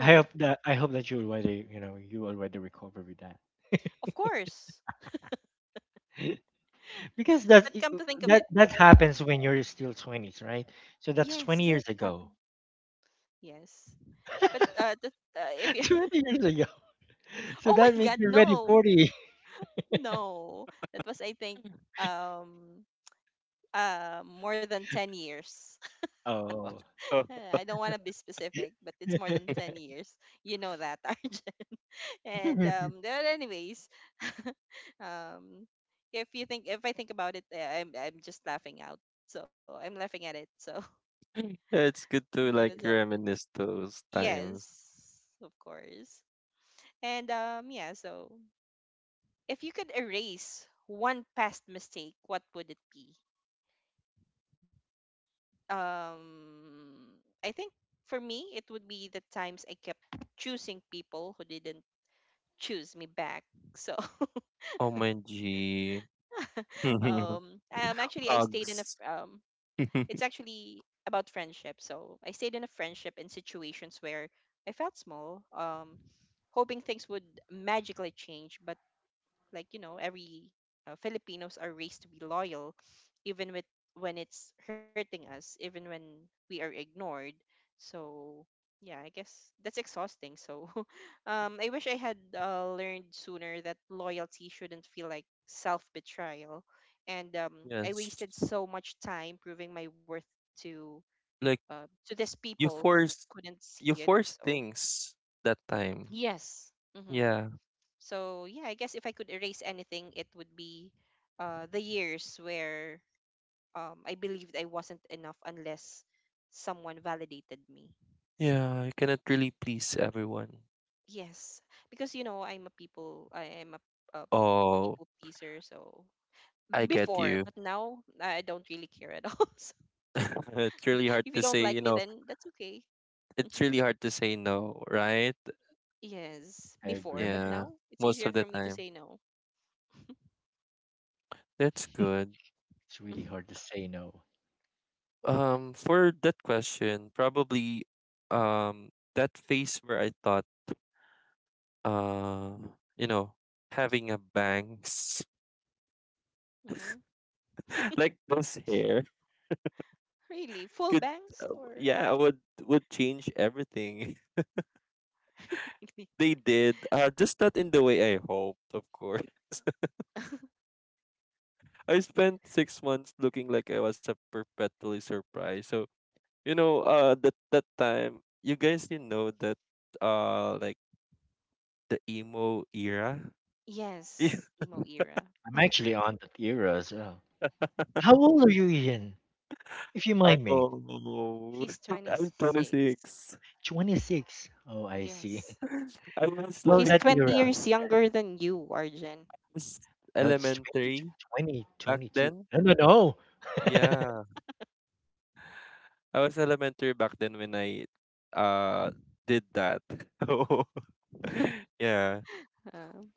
I hope that I hope that you already, you know, you already recover with that.
Of course.
Because that's
But
i-
come to think of
that
it,
that
uh,
happens when you're still twenties, right? So that's twenty
yes,
years
it happened.
ago.
Yes. But uh, the, uh if you
twenty years ago. So
oh
that
my
means
god,
you're already
no.
forty.
No. That was I think um uh more than ten years.
Oh.
Oh.
Uh, I don't want to be specific, but it's more than ten years. You know that, R J. And
I
um, but anyways, um, if you think if I think about it, uh, I'm I'm just laughing out. So I'm laughing at it. So
Yeah, it's good to
it's
like
all good.
reminisce those times.
Yes, of course. And um, yeah. So if you could erase one past mistake, what would it be? Um, I think for me, it would be the times I kept choosing people who didn't choose me back. So
Oh my G.
um, um, actually, I stayed in a
Hugs.
f- um, it's actually about friendship. So I stayed in a friendship in situations where I felt small, um, hoping things would magically change, but like you know every uh, Filipinos are raised to be loyal even with when it's hurting us, even when we are ignored. So yeah, I guess that's exhausting, so um I wish I had uh, learned sooner that loyalty shouldn't feel like self betrayal. And um I
Yes.
wasted so much time proving my worth to
Like
uh, to these
you
people who
force
couldn't see
you
it.
force
So
things that time.
yes, hmm,
Yeah.
so yeah, I guess if I could erase anything, it would be uh, the years where um, I believed I wasn't enough unless someone validated me. So
Yeah, you cannot really please everyone.
yes, because you know I'm a people, I am a, a people
Oh,
pleaser. So
I get
before,
you.
but now I don't really care at all. So
It's really
if
hard
you
to
don't
say,
like me,
you know,
then that's okay. Mhm.
it's really hard to say no, right?
Yes, before, but
agree.
Yeah,
now it's
most
easier
of
for
the
me to
time.
say no.
That's good.
It's really hard to say no.
Um, for that question, probably um that phase where I thought uh you know, having a bangs
Hmm.
like those hair
Really, full
could
banks or
yeah would would change everything. They did, uh just not in the way I hoped, of course. I spent six months looking like I was a perpetually surprised. So you know uh that that time, you guys, you know that, uh like, the emo era. Yeah.
yes, emo era.
I'm actually on that era as well. How old are you, Ian? If you mind me.
He's
Oh. I'm
twenty-six.
twenty-six.
twenty-six. Oh, I see.
Yes.
i was
Well,
He's
like
that
twenty
I
era.
years younger than you, Arjen.
was
No, it's twenty,
elementary
20
back
22.
then.
No, no, no.
Yeah, I was elementary back then when I uh, did that. So. Yeah.
Um,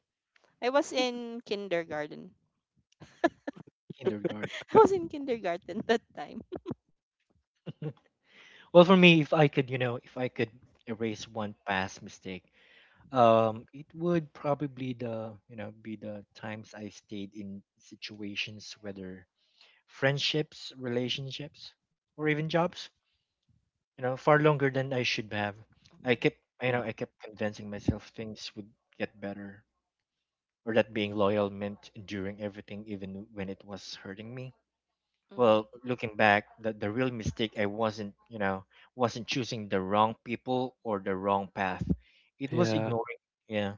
I was in kindergarten.
Kindergarten.
I was in kindergarten that time.
Well, for me, if I could, you know, if I could erase one past mistake, um, it would probably the, you know, be the times I stayed in situations, whether friendships, relationships, or even jobs, you know, far longer than I should have. I kept, you
Mm,
know, I kept convincing myself things would get better, or that being loyal meant enduring everything, even when it was hurting me. Well,
Mm-hmm.
looking back, the, the real mistake I wasn't, you know, wasn't choosing the wrong people or the wrong path. It was
yeah,
ignoring, yeah,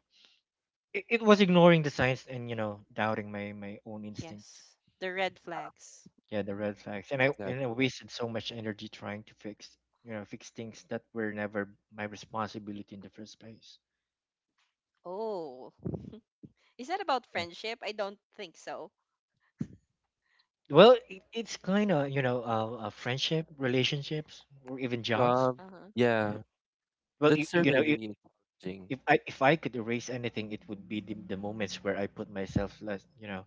it, it was ignoring the signs, and you know, doubting my my own instinct.
Yes. The red flags.
Yeah, the
Mhm.
red flags. And I and I
exactly.
wasted so much energy trying to fix you know, fix things that were never my responsibility in the first place.
Oh. Is that about
Yeah.
friendship? I don't think so.
Well, it, it's kind of, you know, uh, uh, friendship, relationships, or even jobs.
Job,
Uh-huh.
yeah,
Yeah. Well, you,
that's
you know, if,
really challenging.
if I if I could erase anything, it would be the, the moments where I put myself last, you know,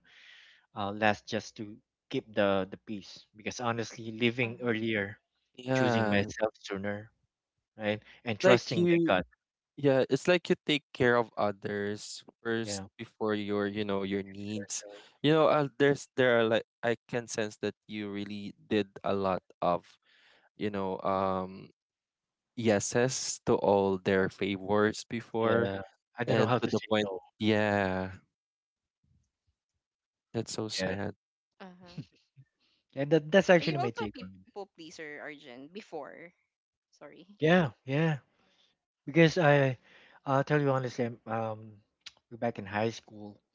uh, last just to keep the the peace. Because honestly, living
Uh-huh.
earlier, choosing
Yeah,
myself sooner, right, and
it's like
trusting my
you,
gut.
yeah, it's like you take care of others first
Yeah.
before your, you know, your needs.
So
You know, uh, there's there are, like, I can sense that you really did a lot of, you know, um, yeses to all their favors before.
yeah, I don't know
And
how
to
to
the
say
point,
no.
yeah, that's so
Yeah,
sad.
Uh-huh.
yeah, that that's
Are
actually
you
my
also a
take on
people
it.
pleaser, Arjun? Before. Sorry.
Yeah, yeah, because I, I'll tell you honestly, I'm, um, back in high school,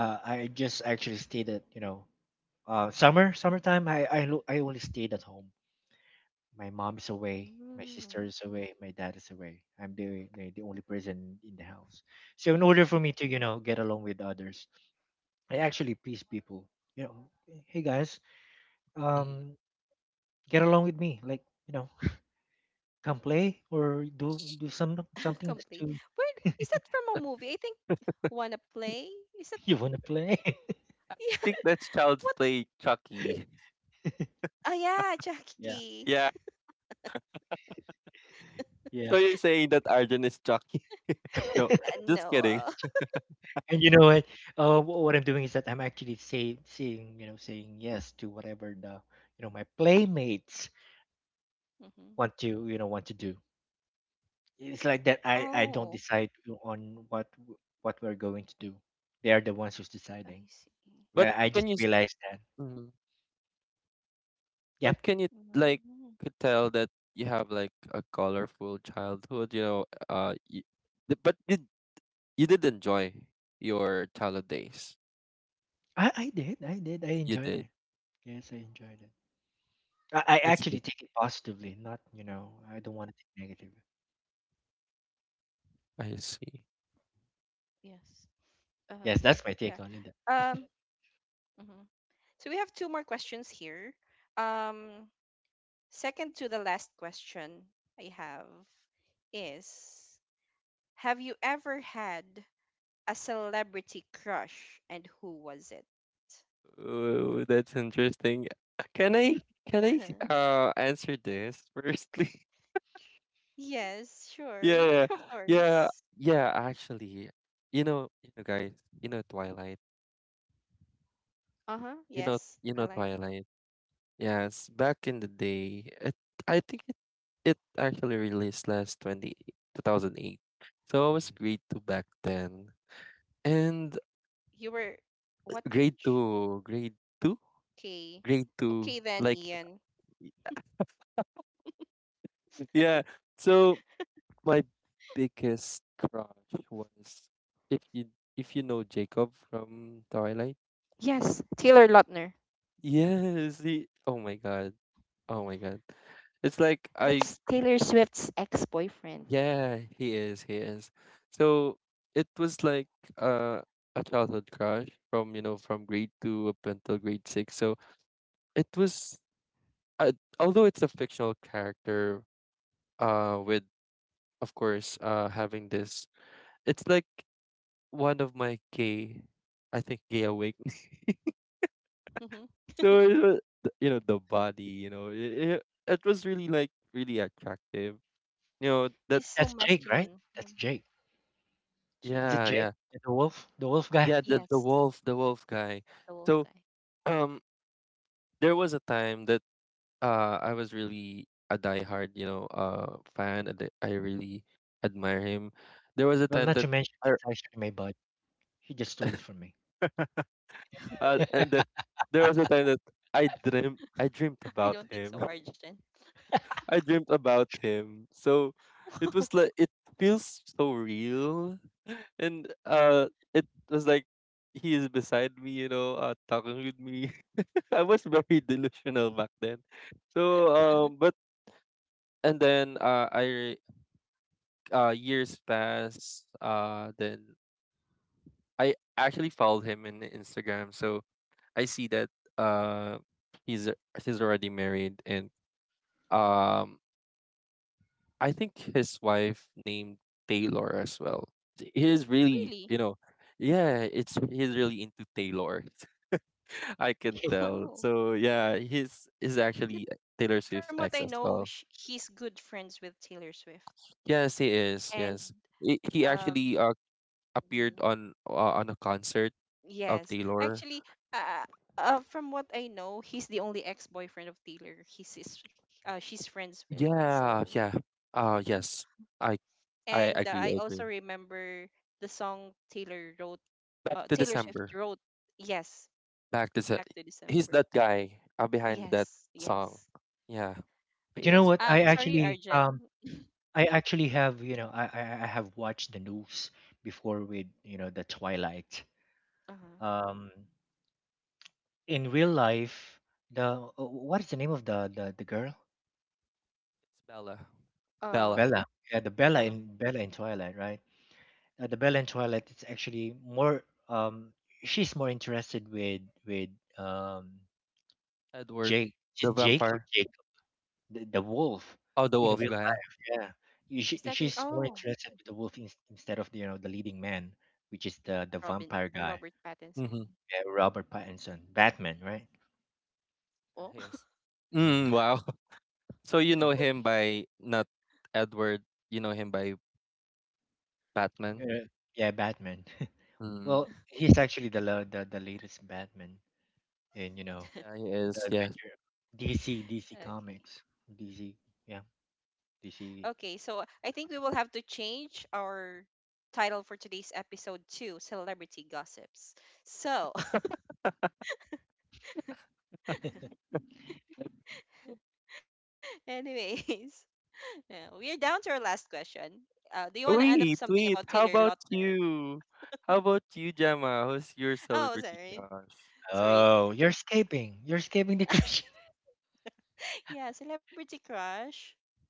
uh, I just actually stayed at you know, uh, summer summertime. I I lo- I only stayed at home. My mom is away, my
Mm.
sister is away, my dad is away. I'm the the, the only person in the house. So in order for me to you know get along with others, I actually please people. You know, hey guys,
Mm.
um, get along with me, like. You know, come play or do do some something to
Complete.
you.
Where is that from a movie? I think Wanna
I
Play? Is that
You wanna play.
yeah?
think that's Child's
What?
Play Chucky.
Ah, yeah,
Yeah.
Jackie.
Yeah. So
Yeah.
you're saying that Arjun is Chucky? No,
Uh,
just kidding.
Noah.
And you know what? Uh, wh- what I'm doing is that I'm actually say, saying, you know, saying yes to whatever the, you know, my playmates
Mm-hmm.
want to, you know, want to do. It's like that. I I don't
Oh,
decide on what w- what we're going to do. They are the ones who's
I
deciding.
see.
But
Well, I
can
just
you s-
realized that.
mm,
Yeah,
but can you like
Mm,
could tell that you have, like, a colorful childhood, you know, uh you, but you, you did enjoy your childhood days.
I I did. I did. I
You
enjoyed
did.
it. Yes, I enjoyed it. I, I
That's
actually
good.
take it positively, not you know. I don't want to take negative.
I see.
yes. Um,
Yes,
yeah.
that's my take on it.
Um, mhm. So we have two more questions here. Um, second to the last question I have is, have you ever had a celebrity crush and who was it?
Oh, that's interesting. Uh, Can I can I uh answer this firstly?
Yes, sure.
Yeah, yeah,
Of
yeah,
course.
yeah. Actually, you know, you know, guys, you know, Twilight,
Uh-huh.
you know,
Yes,
you know,
Twilight.
Twilight. Yes, back in the day, it, I think it, it actually released last twenty two thousand eight. So I was
Mhm.
grade two back then, and
You were what
grade
age?
two, grade two,
Okay.
grade two.
Okay then,
Like,
Ian.
yeah. So my biggest crush was, if you if you know Jacob from Twilight.
Yes, Taylor Lautner.
Yes, he. Oh my God. Oh my God. It's like I.
That's Taylor Swift's ex-boyfriend.
Yeah, he is. He is. So it was like, uh, a childhood crush from you know from grade two up until grade six. So it was. Uh, Although it's a fictional character, uh, with of course uh having this, it's like one of my gay, I think, gay awakening.
Hmm.
So it was, th- you know the body, you know it, it, it was really, like, really attractive. You know that.
He's
That's
so
Jake, right?
masculine.
That's Jake.
Mhm.
Is it
Yeah,
Jake?
yeah,
Jacob.
Yeah, the wolf, the wolf guy.
yeah. the the wolf
Yes,
the wolf guy. So
The Wolf Guy.
um there was a time that uh I was really a diehard you know uh fan, and I really admire him. There
Well,
was a
not to
time that
mention that's
I,
actually my bud. He just stole it from me.
uh, and that there was a time that I dreamt I dreamt about
I
him.
don't think so, Arjun.
I dreamt about him. So it was like it
Wow,
feels so real. And uh, it was like he is beside me, you know, uh, talking with me. I was very delusional back then. So um, but and then uh, I uh years passed. Uh, then I actually followed him in Instagram. So I see that uh he's he's already married, and um I think his wife named Taylor as well. He's really, you know,
really?
yeah, it's he's really into Taylor. I can tell. So
Oh,
yeah, he's is actually
but
Taylor Swift's ex
from
as
what I
well.
know, sh- he's good friends with Taylor Swift.
Yes, he is. Yes,
And
he, he actually uh,
um,
appeared on
mhm,
uh, on a concert of
yes,
Taylor.
actually, uh, uh, from what I know, he's the only ex-boyfriend of Taylor He's is, uh, she's friends with.
Yeah, yeah.
So,
Uh yes.
mm,
I I agree, I
and uh,
agree.
I also remember the song Taylor wrote.
Back to
Uh,
December.
Taylor Swift wrote. Yes,
Back to Se-
Back
he's
to
that
December.
guy uh, behind that
Yes,
song.
yes.
Yeah, he
But you know
is.
what? I
Um,
actually,
sorry,
um,
Arjen.
I actually have, you know, I, I, I have watched the news before with, you know, the Twilight.
Uh-huh.
Um, in real life, the uh, what is the name of the the, the girl?
It's Bella. Bella.
Bella.
Uh,
Yeah, the Bella in
Bella.
Bella in Twilight, right? Uh, the Belle and Toilette, it's actually more, um she's more interested with with um
Edward.
Jake,
The
J- Jake or
vampire.
Jacob, the the wolf.
Oh, the
In
wolf
real,
guy.
yeah, Y- she, she's
Is
more
that in,
interested with
oh,
the wolf, in,
mhm.
instead of you know the leading man, which is the the vampire
Robin,
guy.
uh, Robert
Mm-hmm.
Pattinson.
Yeah, Robert Pattinson, Batman, right?
Yes.
Oh,
Yeah.
Mm, wow. So you know him by not Edward. You know him by Batman.
Uh, yeah, Batman.
Mm,
Well, he's actually the, la- the the latest Batman in, you know
yeah, he
the
is. Yes.
adventure, DC, DC Comics.
okay.
DC, yeah, DC.
Okay, so I think we will have to change our title for today's episode to Celebrity Gossips. So, anyways, yeah, we are down to our last question. Uh, do you want to
Wait,
add up
wait.
something
How
about
about
Taylor Lautner?
you? How about you, Gemma? Who's your celebrity
Oh, sorry.
crush?
Oh, you're
Sorry.
escaping. You're escaping the question.
Yeah, Celebrity Crush.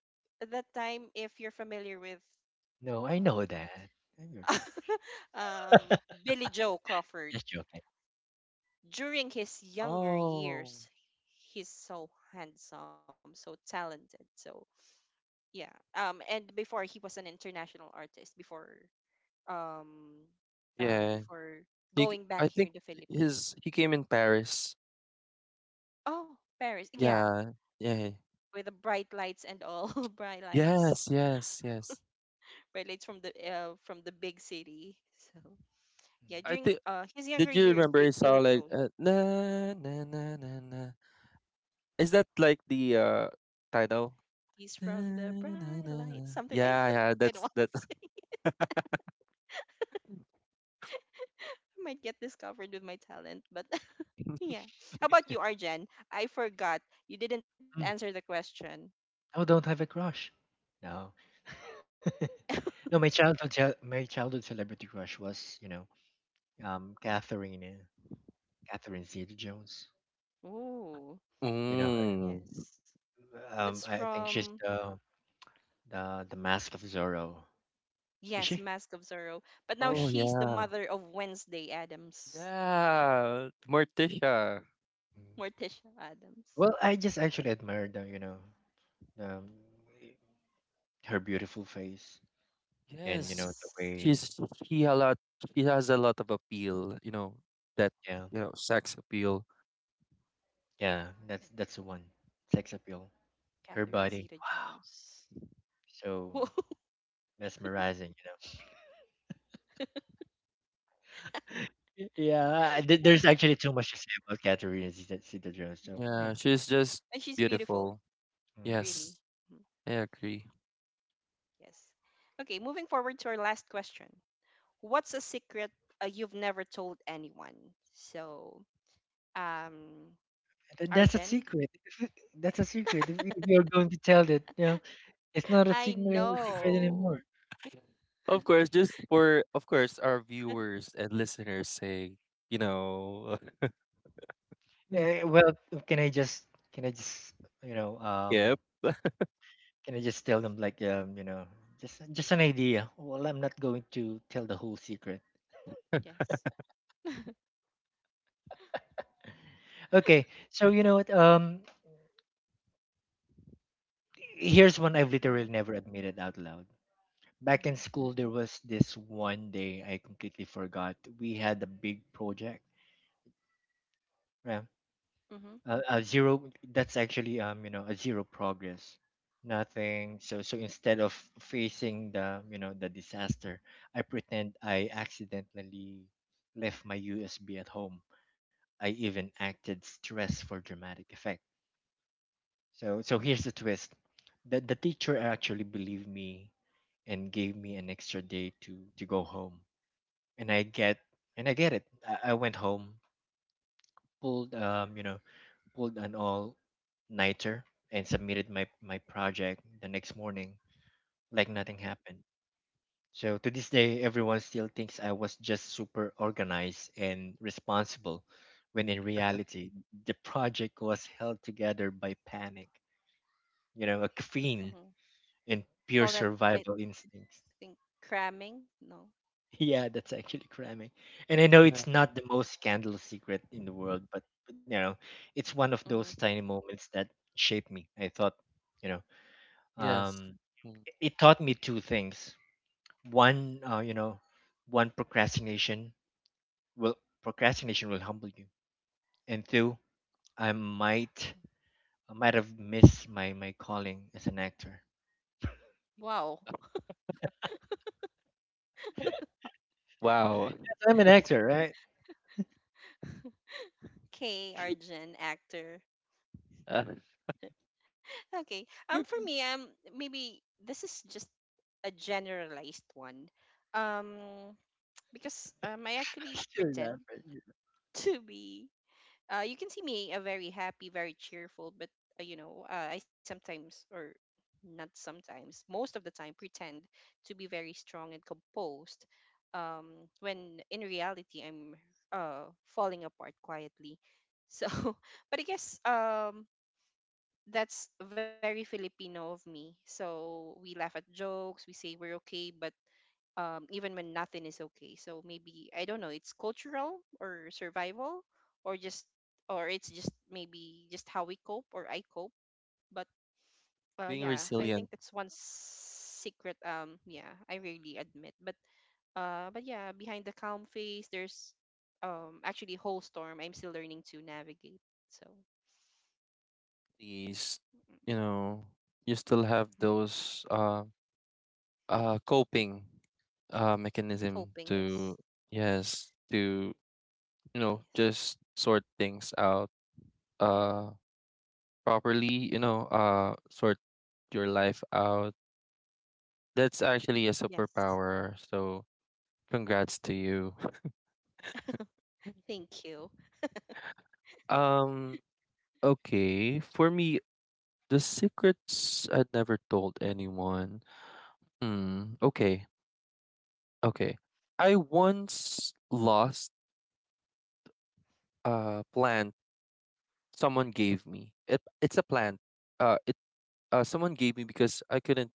I think at that time, if you're familiar with
No, I know
um,
that. I'm your crush.
um, Billy Joe
Just
Crawford.
joking.
During his younger
Oh,
years, he's so handsome, so talented. So yeah. Um, and before he was an international artist. Before um,
yeah.
uh, before
He. c- I think
going back here in the
his. He came
Philippines.
in Paris.
Oh, Paris.
Yeah.
Yeah,
Yeah.
with the bright lights and all bright
Yes.
lights.
Yes. Yes.
Bright lights from the uh, from the big city. So
I
yeah,
think
during uh
Did
his
you
younger
remember a
years,
song
Bi-
like,
Billy
uh,
Joe.
na na na na na? Is that like the uh title? Na,
He's from the
na, na,
bright
na.
light,
Yeah,
something like
yeah,
that.
that's
I
that.
don't want to say. I might get discovered with my talent, but yeah. How about you, Arjen? I forgot. You didn't
Mm.
answer the question.
Oh, don't have a crush. No. No, my childhood chil- my childhood celebrity crush was, you know, um Catherine, uh, Catherine Zeta Jones.
Ooh,
You know
Mm.
yes.
her. Um, I
That's
think she's
from,
the the the mask of Zorro. Is she?
yes, Mask of Zorro.
Yeah.
Oh,
But now she's
yeah,
the mother of Wednesday Adams,
yeah. Morticia.
Mm.
Morticia
Well, I
Adams.
just actually admired the, you know, um her beautiful face, and you
Yes,
know the
Yes.
way.
she's she a lot. She has a lot of appeal. You know that,
Yeah,
you know sex appeal.
yeah, that's that's the one. Sex appeal, her
Catherine
body,
Zeta Jones.
so mesmerizing, you know. Y- Yeah, I- there- there's actually too much to say about Katerina Zeta, Zeta Jones. So you
Yeah,
know,
yeah.
she's just
And she's
beautiful.
beautiful,
mm.
Yes,
really. Mhm.
I agree.
Yes. Okay, moving forward to our last question. What's a secret uh, you've never told anyone? So, um,
Th- that's a secret.
Arjen,
If y- That's a secret. If y- if you're going to tell that, you know, it's not a secret
I
secret anymore.
know.
Of course, just for of course, our viewers and listeners say, you know,
Eh, well, can I just can I just you know um
yep,
can I just tell them like, um you know just just an idea? Well, I'm not going to tell the whole secret.
Yes.
Okay, so you know what? Um, here's one I've literally never
Uh-huh.
admitted out loud. Back in
Mhm.
school, there was this one day I completely forgot. We had a big project. Yeah, a, a
Mhm.
zero. That's actually, um, you know, a zero progress, nothing. So so instead of facing the you know the disaster, I pretend I accidentally left my U S B at home. I even acted stressed for dramatic effect. So so here's the twist. The the teacher actually believed me and gave me an extra day to to go home and i get and I get it I, I went home, pulled, um you know pulled an all nighter and submitted my my project the next morning like nothing
Mhm.
happened. So to this day, everyone still thinks I was just super organized and responsible, when in reality the project was held together by panic, you know a caffeine,
Mhm.
and pure
We call that,
survival
I
instincts.
think, cramming. No.
Yeah, that's actually cramming. And I know
yeah,
it's not the most scandalous secret in the world, but you know, it's one of those tiny
Mhm.
moments that shaped me. I thought, you know,
yes,
um,
mm,
it it taught me two things. One, uh, you know, one procrastination will, procrastination will humble you, and two, I might I might have missed my my calling as an actor.
Wow.
wow.
I'm an actor, right?
Okay, Arjun, actor.
Uh,
Okay. Um, for me, um, maybe this is just a generalized one. Um, because um, I
Still
actually
that.
pretend to be uh, you can see me a very happy, very cheerful, but uh, you know, uh, I sometimes or not sometimes, most of the time pretend to be very strong and composed. Um, when in reality, I'm uh falling apart quietly. So, but I guess um that's very Filipino of me. So we laugh at jokes, we say we're okay, but um, even when nothing is okay. So maybe I don't know. It's cultural or survival, or just or it's just maybe just how we cope or I cope. But uh,
Being
yeah, I
resilient,
think that's one secret. Um, yeah, I really admit. But uh, but yeah, behind the calm face, there's um actually a whole storm. I'm still learning to navigate. So
please,
yeah,
you know, you still have
mm
those uh uh coping uh mechanism
coping.
to,
Yes,
yes, to you know just
yes,
sort things out uh properly. You know, uh sort your life out. That's actually a
yes.
superpower. So congrats to you.
Thank you.
Um, okay. For me, the secrets I'd never told anyone. Hmm. Okay. Okay. I once lost a plant someone gave me. It it's a plant. Uh it uh Someone gave me because I couldn't.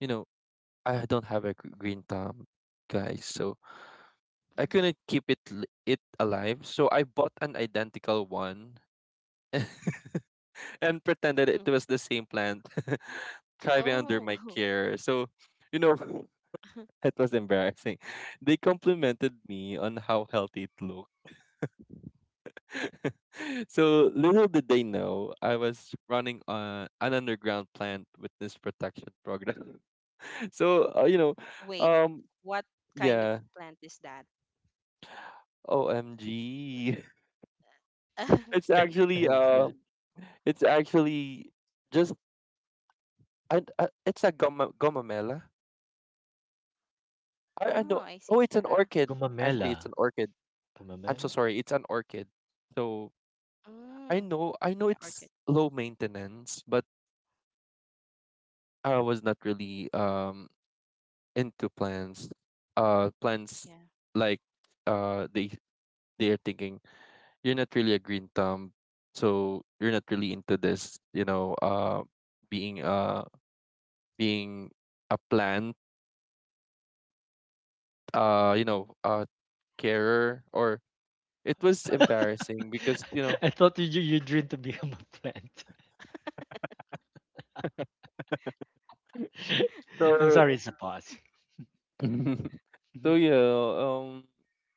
you know, I don't have a gr- green thumb, guys. So I couldn't keep it li- it alive. So I bought an identical one. And pretended it was
Mhm.
the same plant thriving under my
oh.
care. So, you know, it was embarrassing. They complimented me on how healthy it looked. So little did they know I was running on an underground plant witness protection program. So uh, you know,
Wait,
um,
what
yeah,
kind of plant is that?
O M G. it's actually uh, it's actually just I, I, it's a goma, gomamela.
Oh,
I I
I
know.
see.
Oh, it's
Yeah.
an orchid. Actually, it's
Gumamela.
an orchid. I'm so
Gumamela.
sorry. It's an orchid. So I
Mm.
know. I know
Yeah,
it's
orchid.
low maintenance, but I was not really um into plants. Uh, plants,
Yeah.
like, uh they they are thinking you're not really a green thumb, so you're not really into this. You know, uh, being uh being a plant. Uh, you know, uh,
Mm-hmm.
Carer, or it was embarrassing because you know
I thought you you dream to become a plant. I'm
so.
sorry, it's a pause. Mhm.
So yeah, um,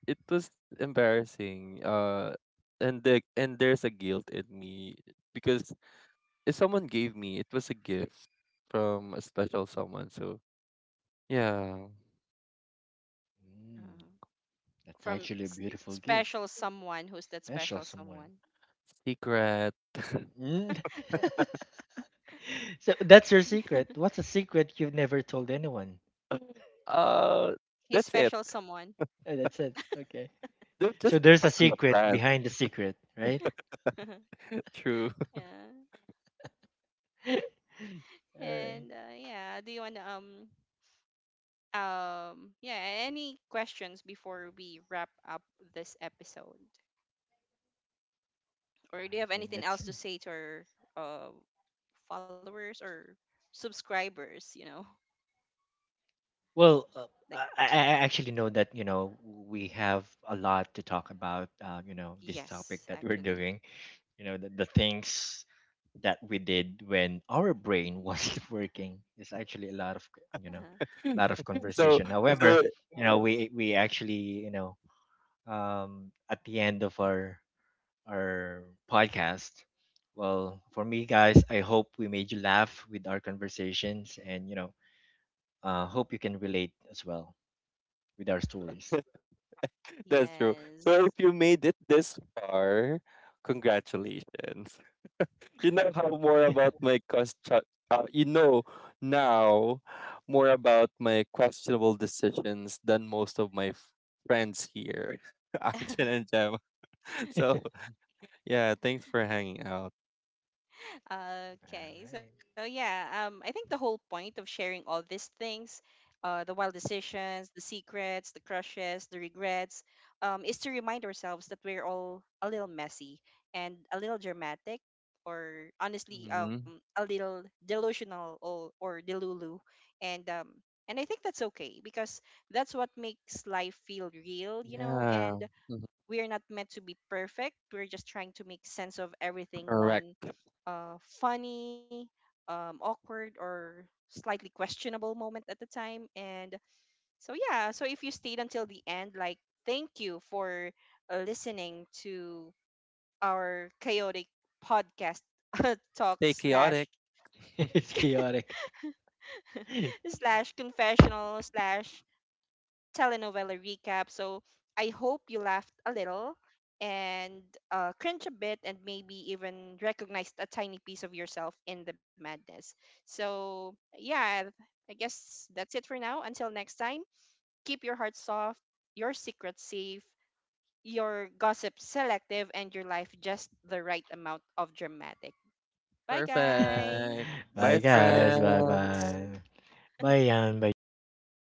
it was embarrassing. Uh, and the and there's a guilt in me, because if someone gave me, it was a gift from a special someone. So yeah,
Mm,
Uh,
that's actually a
from s-
beautiful gift.
special someone. Who's
Special
that special
someone.
someone?
secret.
Mm. So that's your secret. What's a secret you've never told anyone?
uh, that's
His
it.
special someone.
Oh, that's it. Okay.
They're
So
just
there's a
focused on the
secret
plan.
behind the secret, right?
yeah.
True.
All right.
And uh, yeah, do you want to, um um yeah any questions before we wrap up this episode,
I
or
think
do you have
that's it.
anything else to say to our uh followers or subscribers? You know,
Well, uh, I,
like,
I I actually know that you know we have a lot to talk about. Uh, you know, this topic that we're
yes,
doing,
actually.
you know the the things that we did when our brain wasn't working is actually a lot of, you know
Uh-huh.
a lot of
so
conversation. However,
so
you know, we we actually, you know um at the end of our our podcast, well, for me guys, I hope we made you laugh with our conversations, and you know uh hope you can relate as well with our stories.
that's true. So if you
Yes.
made it this far, congratulations. You know how more about my question. Uh, you know now more about my questionable decisions than most of my f- friends here, Arjun and Jem.
all
So yeah, thanks for hanging out.
Okay.
right
So yeah, um I think the whole point of sharing all these things, uh the wild decisions, the secrets, the crushes, the regrets, um is to remind ourselves that we're all a little messy and a little dramatic or
Hmm.
honestly um a little delusional or or delulu and um and I think that's okay because that's what makes life feel real, you
Yeah,
know, and
mhm,
we are not meant to be perfect. We're just trying to make sense of
correct.
everything one uh, funny, um, awkward, or slightly questionable moment at the time. And so, yeah, so if you stayed until the end, like, thank you for uh, listening to our chaotic podcast
Stay
talk
chaotic.
slash
It's chaotic.
slash confessional slash telenovela recap. So I hope you laughed a little and uh, cringe a bit and maybe even recognized a tiny piece of yourself in the madness. So, yeah, I guess that's it for now. Until next time, keep your heart soft, your secret safe, your gossip selective, and your life just the right amount of dramatic. Bye,
Perfect.
Bye
Bye,
guys.
guys, bye
friends.
bye. Bayan b e g e a m a n.